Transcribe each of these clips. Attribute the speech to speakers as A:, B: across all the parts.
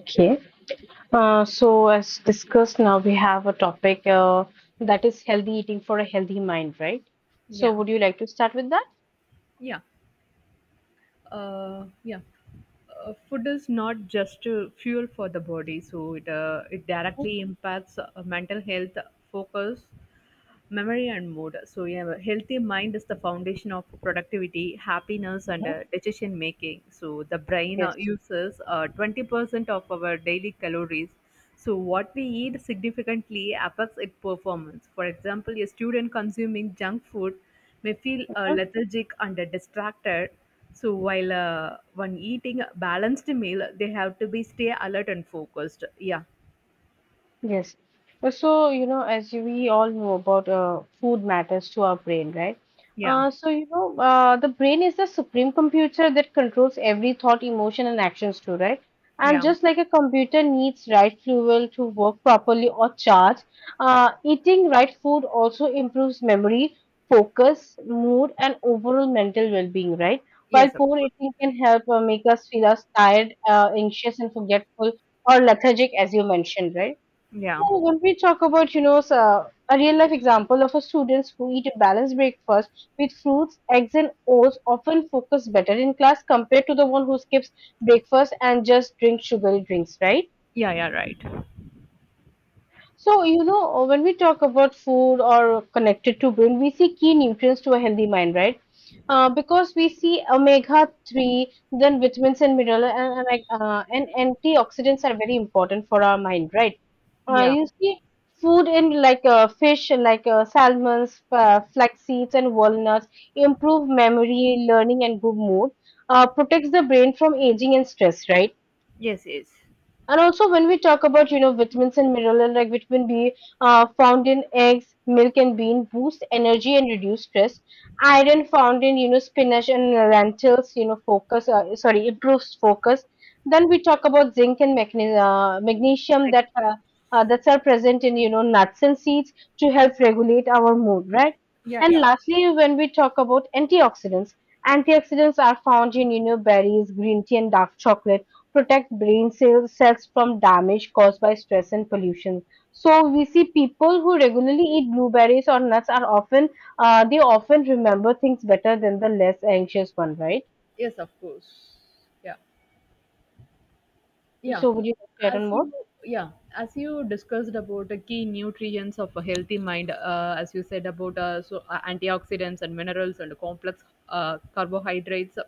A: Okay. As discussed, now we have a topic that is healthy eating for a healthy mind, right? So,
B: Yeah,
A: would you like to start with that?
B: yeah, yeah. Food is not just fuel for the body, so it directly impacts mental health, focus, memory and mood. So, yeah, a healthy mind is the foundation of productivity, happiness, and
A: Mhm.
B: decision making. So, the brain
A: Yes.
B: uses 20% of our daily calories. So, what we eat significantly affects its performance. For example, a student consuming junk food may feel lethargic and distracted. So, while one eating a balanced meal, they have to be stay alert and focused. Yeah,
A: Yes. We all know about food matters to our brain, right?
B: yeah,
A: The brain is the supreme computer that controls every thought, emotion, and actions too, right? And
B: yeah.
A: just like a computer needs right fuel to work properly or charge, eating right food also improves memory, focus, mood, and overall mental well-being, right? While
B: Yes, of
A: poor
B: course.
A: eating can help make us feel us tired, anxious, and forgetful or lethargic, as you mentioned, right?
B: Yeah,
A: So when we talk about, you know, so a real life example of a students who eat a balanced breakfast with fruits, eggs, and oats often focus better in class compared to the one who skips breakfast and just drinks sugary drinks, right?
B: yeah, yeah, right.
A: So, you know, when we talk about food or connected to brain, we see key nutrients to a healthy mind, right? Because we see omega 3, then vitamins and minerals and antioxidants are very important for our mind, right?
B: Yeah.
A: You see food in like fish, like salmons, flax seeds, and walnuts improve memory, learning, and good mood, protects the brain from aging and stress, right?
B: Yes, yes.
A: And also, when we talk about you know vitamins and minerals like vitamin B found in eggs, milk, and bean boost energy and reduce stress. Iron found in you know spinach and lentils, you know focus sorry improves focus. Then we talk about zinc and magnesium
B: Like,
A: that that are present in you know nuts and seeds to help regulate our mood, right?
B: yeah,
A: And
B: yeah.
A: lastly, when we talk about antioxidants, antioxidants are found in you know berries, green tea, and dark chocolate protect brain cells, cells from damage caused by stress and pollution. So we see people who regularly eat blueberries or nuts are often they often remember things better than the less anxious one, right?
B: Yes, of course. Yeah. Yeah,
A: So would you like to add
B: as
A: on more?
B: you yeah as you discussed about the key nutrients of a healthy mind, as you said about antioxidants and minerals and complex carbohydrates,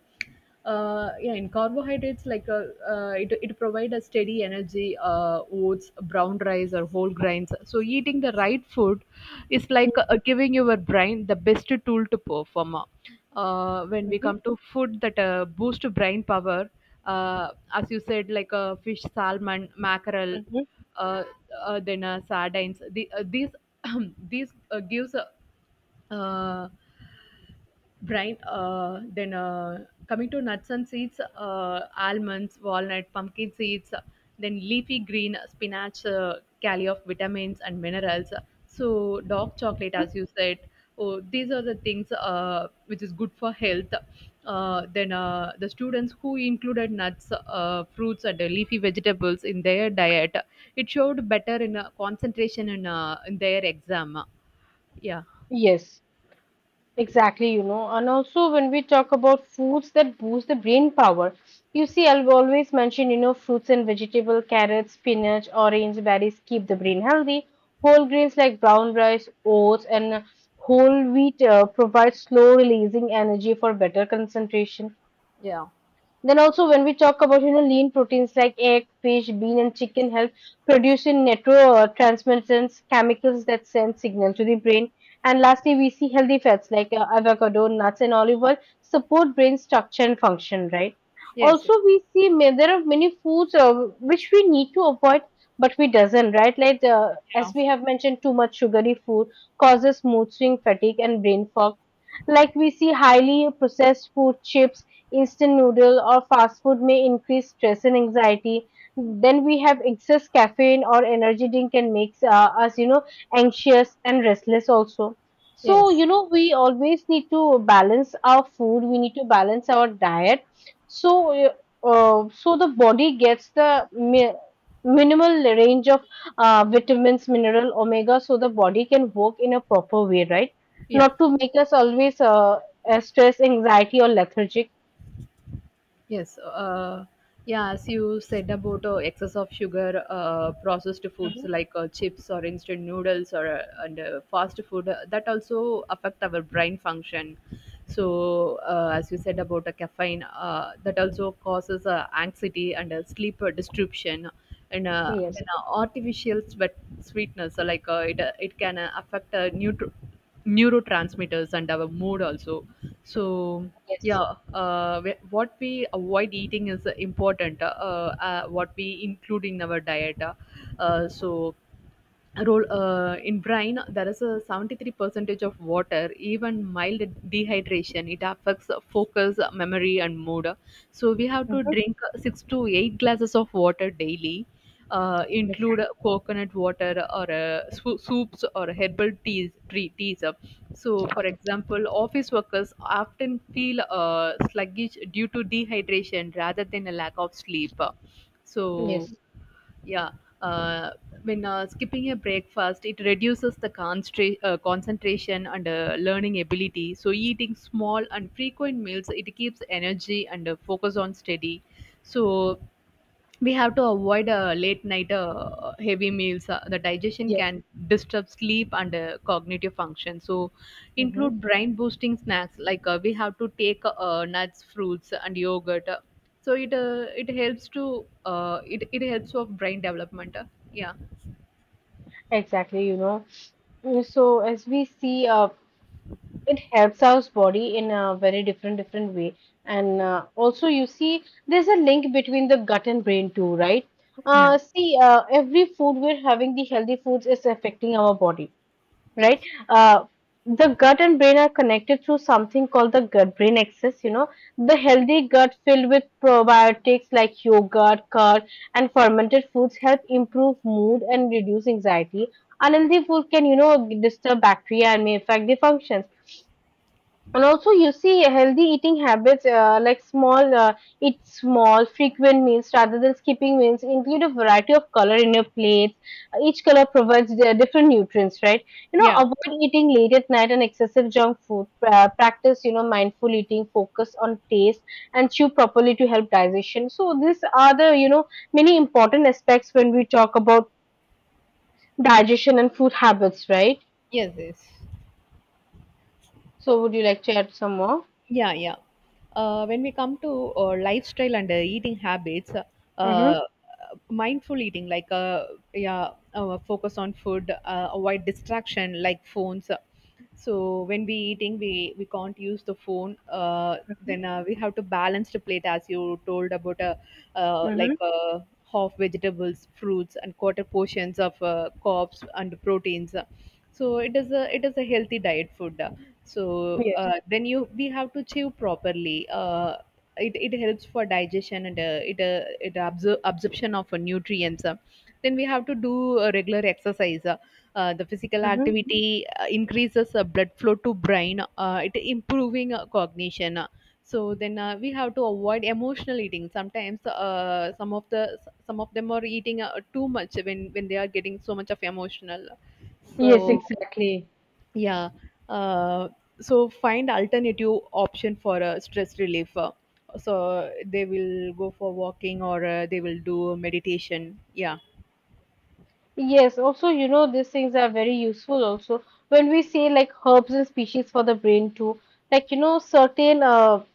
B: yeah, in carbohydrates, like, it provide a steady energy, oats, brown rice, or whole grains. So eating the right food is like giving your brain the best tool to perform. When we
A: Mm-hmm,
B: come to food that boost brain power, as you said, like fish, salmon, mackerel, uh, then sardines. These these gives uh, brine. Uh, then uh, coming to nuts and seeds, almonds, walnut, pumpkin seeds, then leafy green spinach, carry of vitamins and minerals. So dark chocolate,
A: hmm
B: as you said. Oh, these are the things which is good for health. The students who included nuts, fruits, and leafy vegetables in their diet, it showed better in concentration in their exam. Yeah.
A: Yes. Exactly, you know, and also when we talk about foods that boost the brain power, you see, I have always mentioned, you know, fruits and vegetable, carrots, spinach, orange berries keep the brain healthy. Whole grains like brown rice, oats, and whole wheat provide slow releasing energy for better concentration.
B: Yeah.
A: Then also when we talk about you know lean proteins like egg, fish, bean, and chicken help produce in neurotransmitters, chemicals that send signal to the brain. And lastly, we see healthy fats like avocado, nuts, and olive oil support brain structure and function. Right.
B: Yes.
A: Also, we see there are many foods which we need to avoid, but we doesn't. Right. Like as
B: Yeah.
A: we have mentioned, too much sugary food causes mood swing, fatigue, and brain fog, like we see highly processed food chips, instant noodle or fast food may increase stress and anxiety. Then we have excess caffeine or energy drink can make us you know anxious and restless also. So
B: Yes.
A: you know we always need to balance our food, we need to balance our diet. So uh, uh, so the body gets the minimal range of vitamins, mineral, omega, so the body can work in a proper way, right?
B: yeah.
A: Not to make us always stress, anxiety or lethargic.
B: Yes, yeah, as you said about excess of sugar, processed foods
A: Mhm.
B: like chips or instant noodles or and fast food, that also affect our brain function. So, as you said about caffeine, that also causes anxiety and sleep disruption. And
A: Yes.
B: then artificial sweat sweetness, like it can affect neurotransmitters and our mood also. So,
A: Yes,
B: yeah. What we avoid eating is important. What we include in our diet, uh, so role in brine, there is a 73 percentage of water. Even mild dehydration, it affects focus, memory, and mood. So we have to
A: Mhm.
B: drink 6 to 8 glasses of water daily, include
A: Exactly.
B: coconut water or soups or herbal teas, tree teas. So, for example, office workers often feel sluggish due to dehydration rather than a lack of sleep. So,
A: Yes.
B: yeah. Uh, when skipping a breakfast, it reduces the concentration and learning ability. So, eating small and frequent meals, it keeps energy and focus on study. So, we have to avoid late night heavy meals. The digestion
A: Yes.
B: can disturb sleep and cognitive function. So,
A: Hmm.
B: include brain boosting snacks, like we have to take nuts, fruits, and yogurt. So it helps to, it helps of brain development. Yeah.
A: Exactly. You know. So as we see, it helps our body in a very different different way, and also you see, there's a link between the gut and brain too, right?
B: Yeah.
A: Every food we're having, the healthy foods is affecting our body, right?
B: Yes.
A: Uh, the gut and brain are connected through something called the gut brain axis. You know, the healthy gut filled with probiotics like yogurt, curd, and fermented foods help improve mood and reduce anxiety. Unhealthy food can, you know, disturb bacteria and may affect the functions. And also you see healthy eating habits like small eat small frequent meals rather than skipping meals, include a variety of color in your plates, each color provides their different nutrients, right? You know,
B: Yeah.
A: avoid eating late at night and excessive junk food, practice you know mindful eating, focus on taste and chew properly to help digestion. So these are the you know many important aspects when we talk about digestion and food habits, right?
B: Yes. Yes.
A: So would you like to add some more?
B: Yeah, yeah. When we come to lifestyle and eating habits, uh,
A: mm-hmm.
B: uh, mindful eating, like, yeah, focus on food, avoid distraction like phones. So when we eating, we can't use the phone. Then we have to balance the plate, as you told about, like
A: Mm-hmm.
B: half vegetables, fruits, and quarter portions of carbs and proteins. So it is a healthy diet food. So,
A: Yes.
B: then you we have to chew properly. Uh, It helps for digestion and absorption of nutrients. Then we have to do regular exercise. The physical
A: Mm-hmm.
B: activity increases blood flow to brain, it improving cognition. Uh. So then, we have to avoid emotional eating. Sometimes some of them are eating too much when they are getting so much of emotional.
A: Yes,
B: So,
A: exactly.
B: yeah. Uh, so find alternative option for stress relief. So they will go for walking or they will do meditation. Yeah.
A: Yes, also, you know, these things are very useful also when we say like herbs and species for the brain too. Like, you know,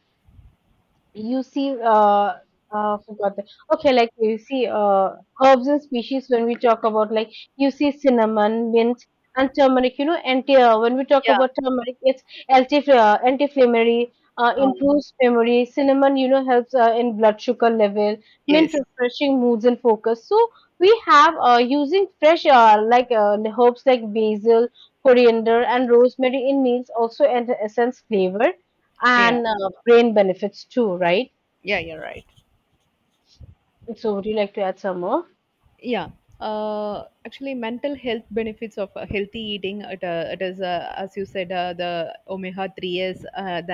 A: You see, uh, forgot that. Okay, like you see, herbs and species when we talk about, like you see cinnamon, mint, and turmeric. You know, anti. When we talk
B: Yeah.
A: about turmeric, it's anti-inflammatory,
B: Um,
A: improves memory. Cinnamon, you know, helps in blood sugar level. Mint,
B: yes.
A: refreshing moods and focus. So we have using fresh herbs like basil, coriander, and rosemary in meals also, and essence flavor
B: Yeah.
A: and brain benefits too, right?
B: Yeah. You're right.
A: So, would you like to add some more?
B: Yeah. Actually, mental health benefits of healthy eating. It is, as you said, the omega 3s, the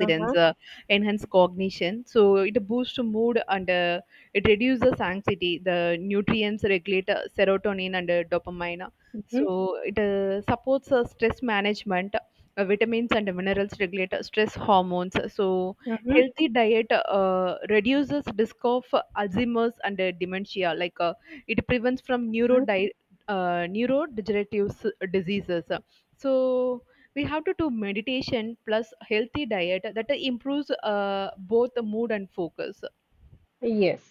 A: Mm-hmm.
B: enhance cognition. So it boosts mood and it reduces anxiety. The nutrients regulate serotonin and dopamine. So it supports stress management. Vitamins and minerals regulate stress hormones. So
A: Mm-hmm.
B: healthy diet reduces risk of Alzheimer's and dementia, like it prevents from
A: Mm-hmm.
B: neurodegenerative diseases. So we have to do meditation plus healthy diet that improves both the mood and focus.
A: Yes.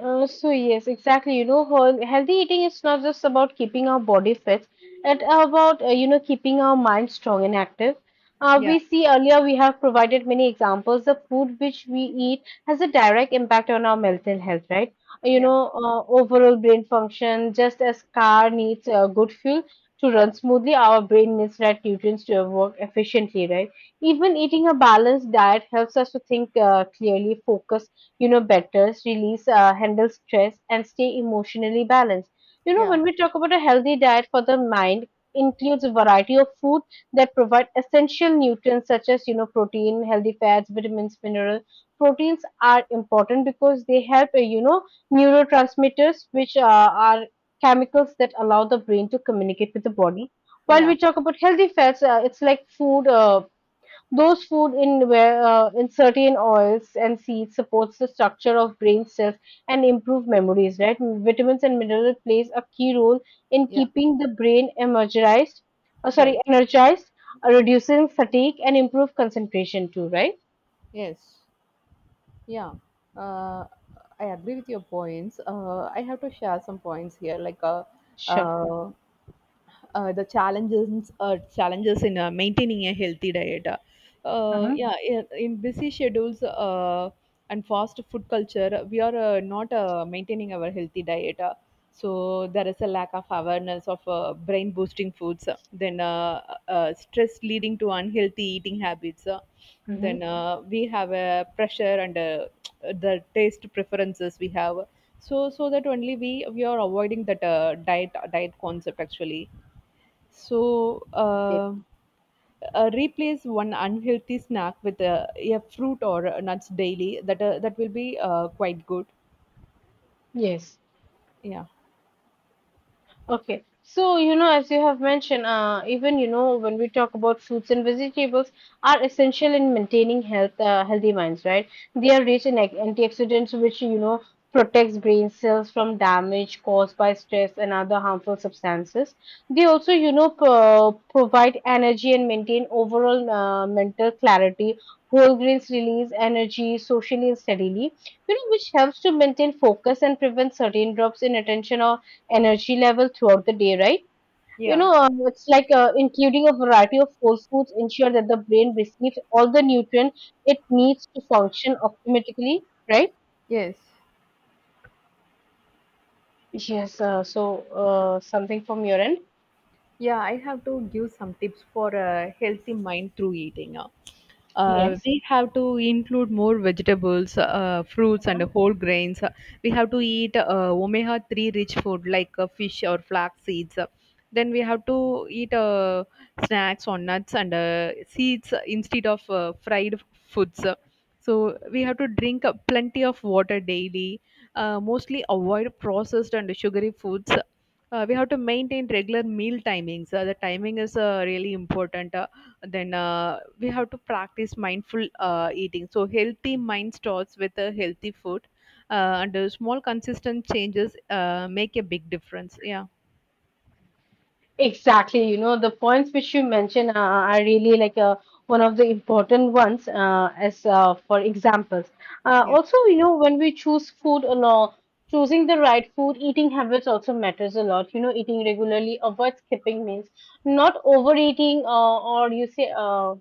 A: So yes, exactly. You know, healthy eating is not just about keeping our body fit; it's about you know keeping our mind strong and active.
B: Yeah,
A: We see earlier we have provided many examples. The food which we eat has a direct impact on our mental health, right? You
B: yeah.
A: know, overall brain function. Just as car needs good fuel to run smoothly, our brain needs right nutrients to work efficiently, right? Even eating a balanced diet helps us to think clearly, focus you know, betters, release, handle stress, and stay emotionally balanced. You know,
B: Yeah,
A: when we talk about a healthy diet for the mind, includes a variety of food that provide essential nutrients such as you know protein, healthy fats, vitamins, minerals. Proteins are important because they help you know neurotransmitters, which are chemicals that allow the brain to communicate with the body. While we
B: yeah,
A: talk about healthy fats, it's like food those food in where in certain oils and seeds supports the structure of brain cells and improve memories. Right, vitamins and minerals plays a key role in
B: yeah,
A: keeping the brain energized.
B: right.
A: Energized, reducing fatigue and improve concentration too. Right.
B: Yes, yeah. Uh, I agree with your points. I have to share some points here. Like,
A: Sure.
B: uh, the challenges in maintaining a healthy diet. Uh,
A: Mm-hmm.
B: yeah, in busy schedules and fast food culture, we are not maintaining our healthy diet. So there is a lack of awareness of brain boosting foods, then stress leading to unhealthy eating habits.
A: Mm-hmm.
B: Then We have a pressure and the taste preferences we have. So that only we are avoiding that diet concept actually. So, replace one unhealthy snack with a fruit or a nuts daily. That will be quite good.
A: Yes.
B: Yeah.
A: Okay, so you know, as you have mentioned, even you know, when we talk about fruits and vegetables, are essential in maintaining health, healthy minds, right? They are rich in antioxidants, which you know protects brain cells from damage caused by stress and other harmful substances. They also, you know, provide energy and maintain overall mental clarity. Whole grains release energy socially and steadily, you know, which helps to maintain focus and prevent certain drops in attention or energy level throughout the day, right? You
B: Yeah.
A: know, it's like including a variety of whole foods ensure that the brain receives all the nutrient it needs to function optimally, right?
B: Yes.
A: Yes. So something from your end?
B: Yeah, I have to give some tips for a healthy mind through eating. uh,
A: Yes.
B: we have to include more vegetables, fruits, and whole grains. We have to eat omega 3 rich food like fish or flax seeds. Then we have to eat snacks on nuts and seeds instead of fried foods. So we have to drink plenty of water daily, mostly avoid processed and sugary foods. We have to maintain regular meal timings. The timing is really important. Then, we have to practice mindful eating. So healthy mind starts with a healthy food, and small consistent changes make a big difference. Yeah,
A: Exactly. You know, the points which you mentioned are really like one of the important ones, as for examples.
B: yeah,
A: Also, you know, when we choose food a lot, choosing the right food, eating habits also matters a lot. You know, eating regularly, avoid skipping meals, not overeating, or you say,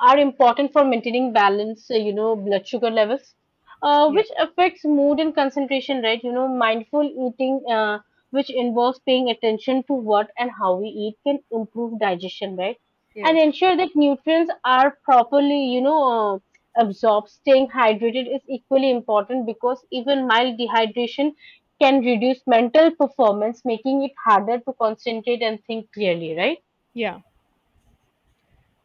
A: are important for maintaining balance, you know, blood sugar levels,
B: yeah,
A: which affects mood and concentration, right? You know, mindful eating, which involves paying attention to what and how we eat, can improve digestion, right? And
B: yes,
A: ensure that nutrients are properly, you know, absorbed. Staying hydrated is equally important because even mild dehydration can reduce mental performance, making it harder to concentrate and think clearly, right?
B: yeah.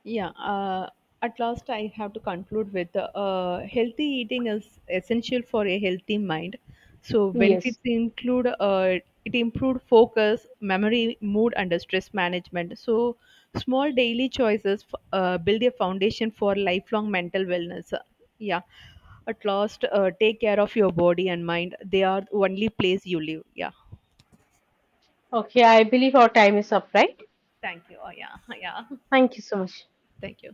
B: Yeah, at last I have to conclude with healthy eating is essential for a healthy mind. So
A: Yes.
B: benefits include it improved focus, memory, mood, and stress management. So small daily choices build a foundation for lifelong mental wellness. Yeah, at last, take care of your body and mind. They are the only place you live. Yeah.
A: Okay, I believe our time is up, right?
B: Thank you. Oh, yeah, yeah.
A: Thank you so much.
B: Thank you.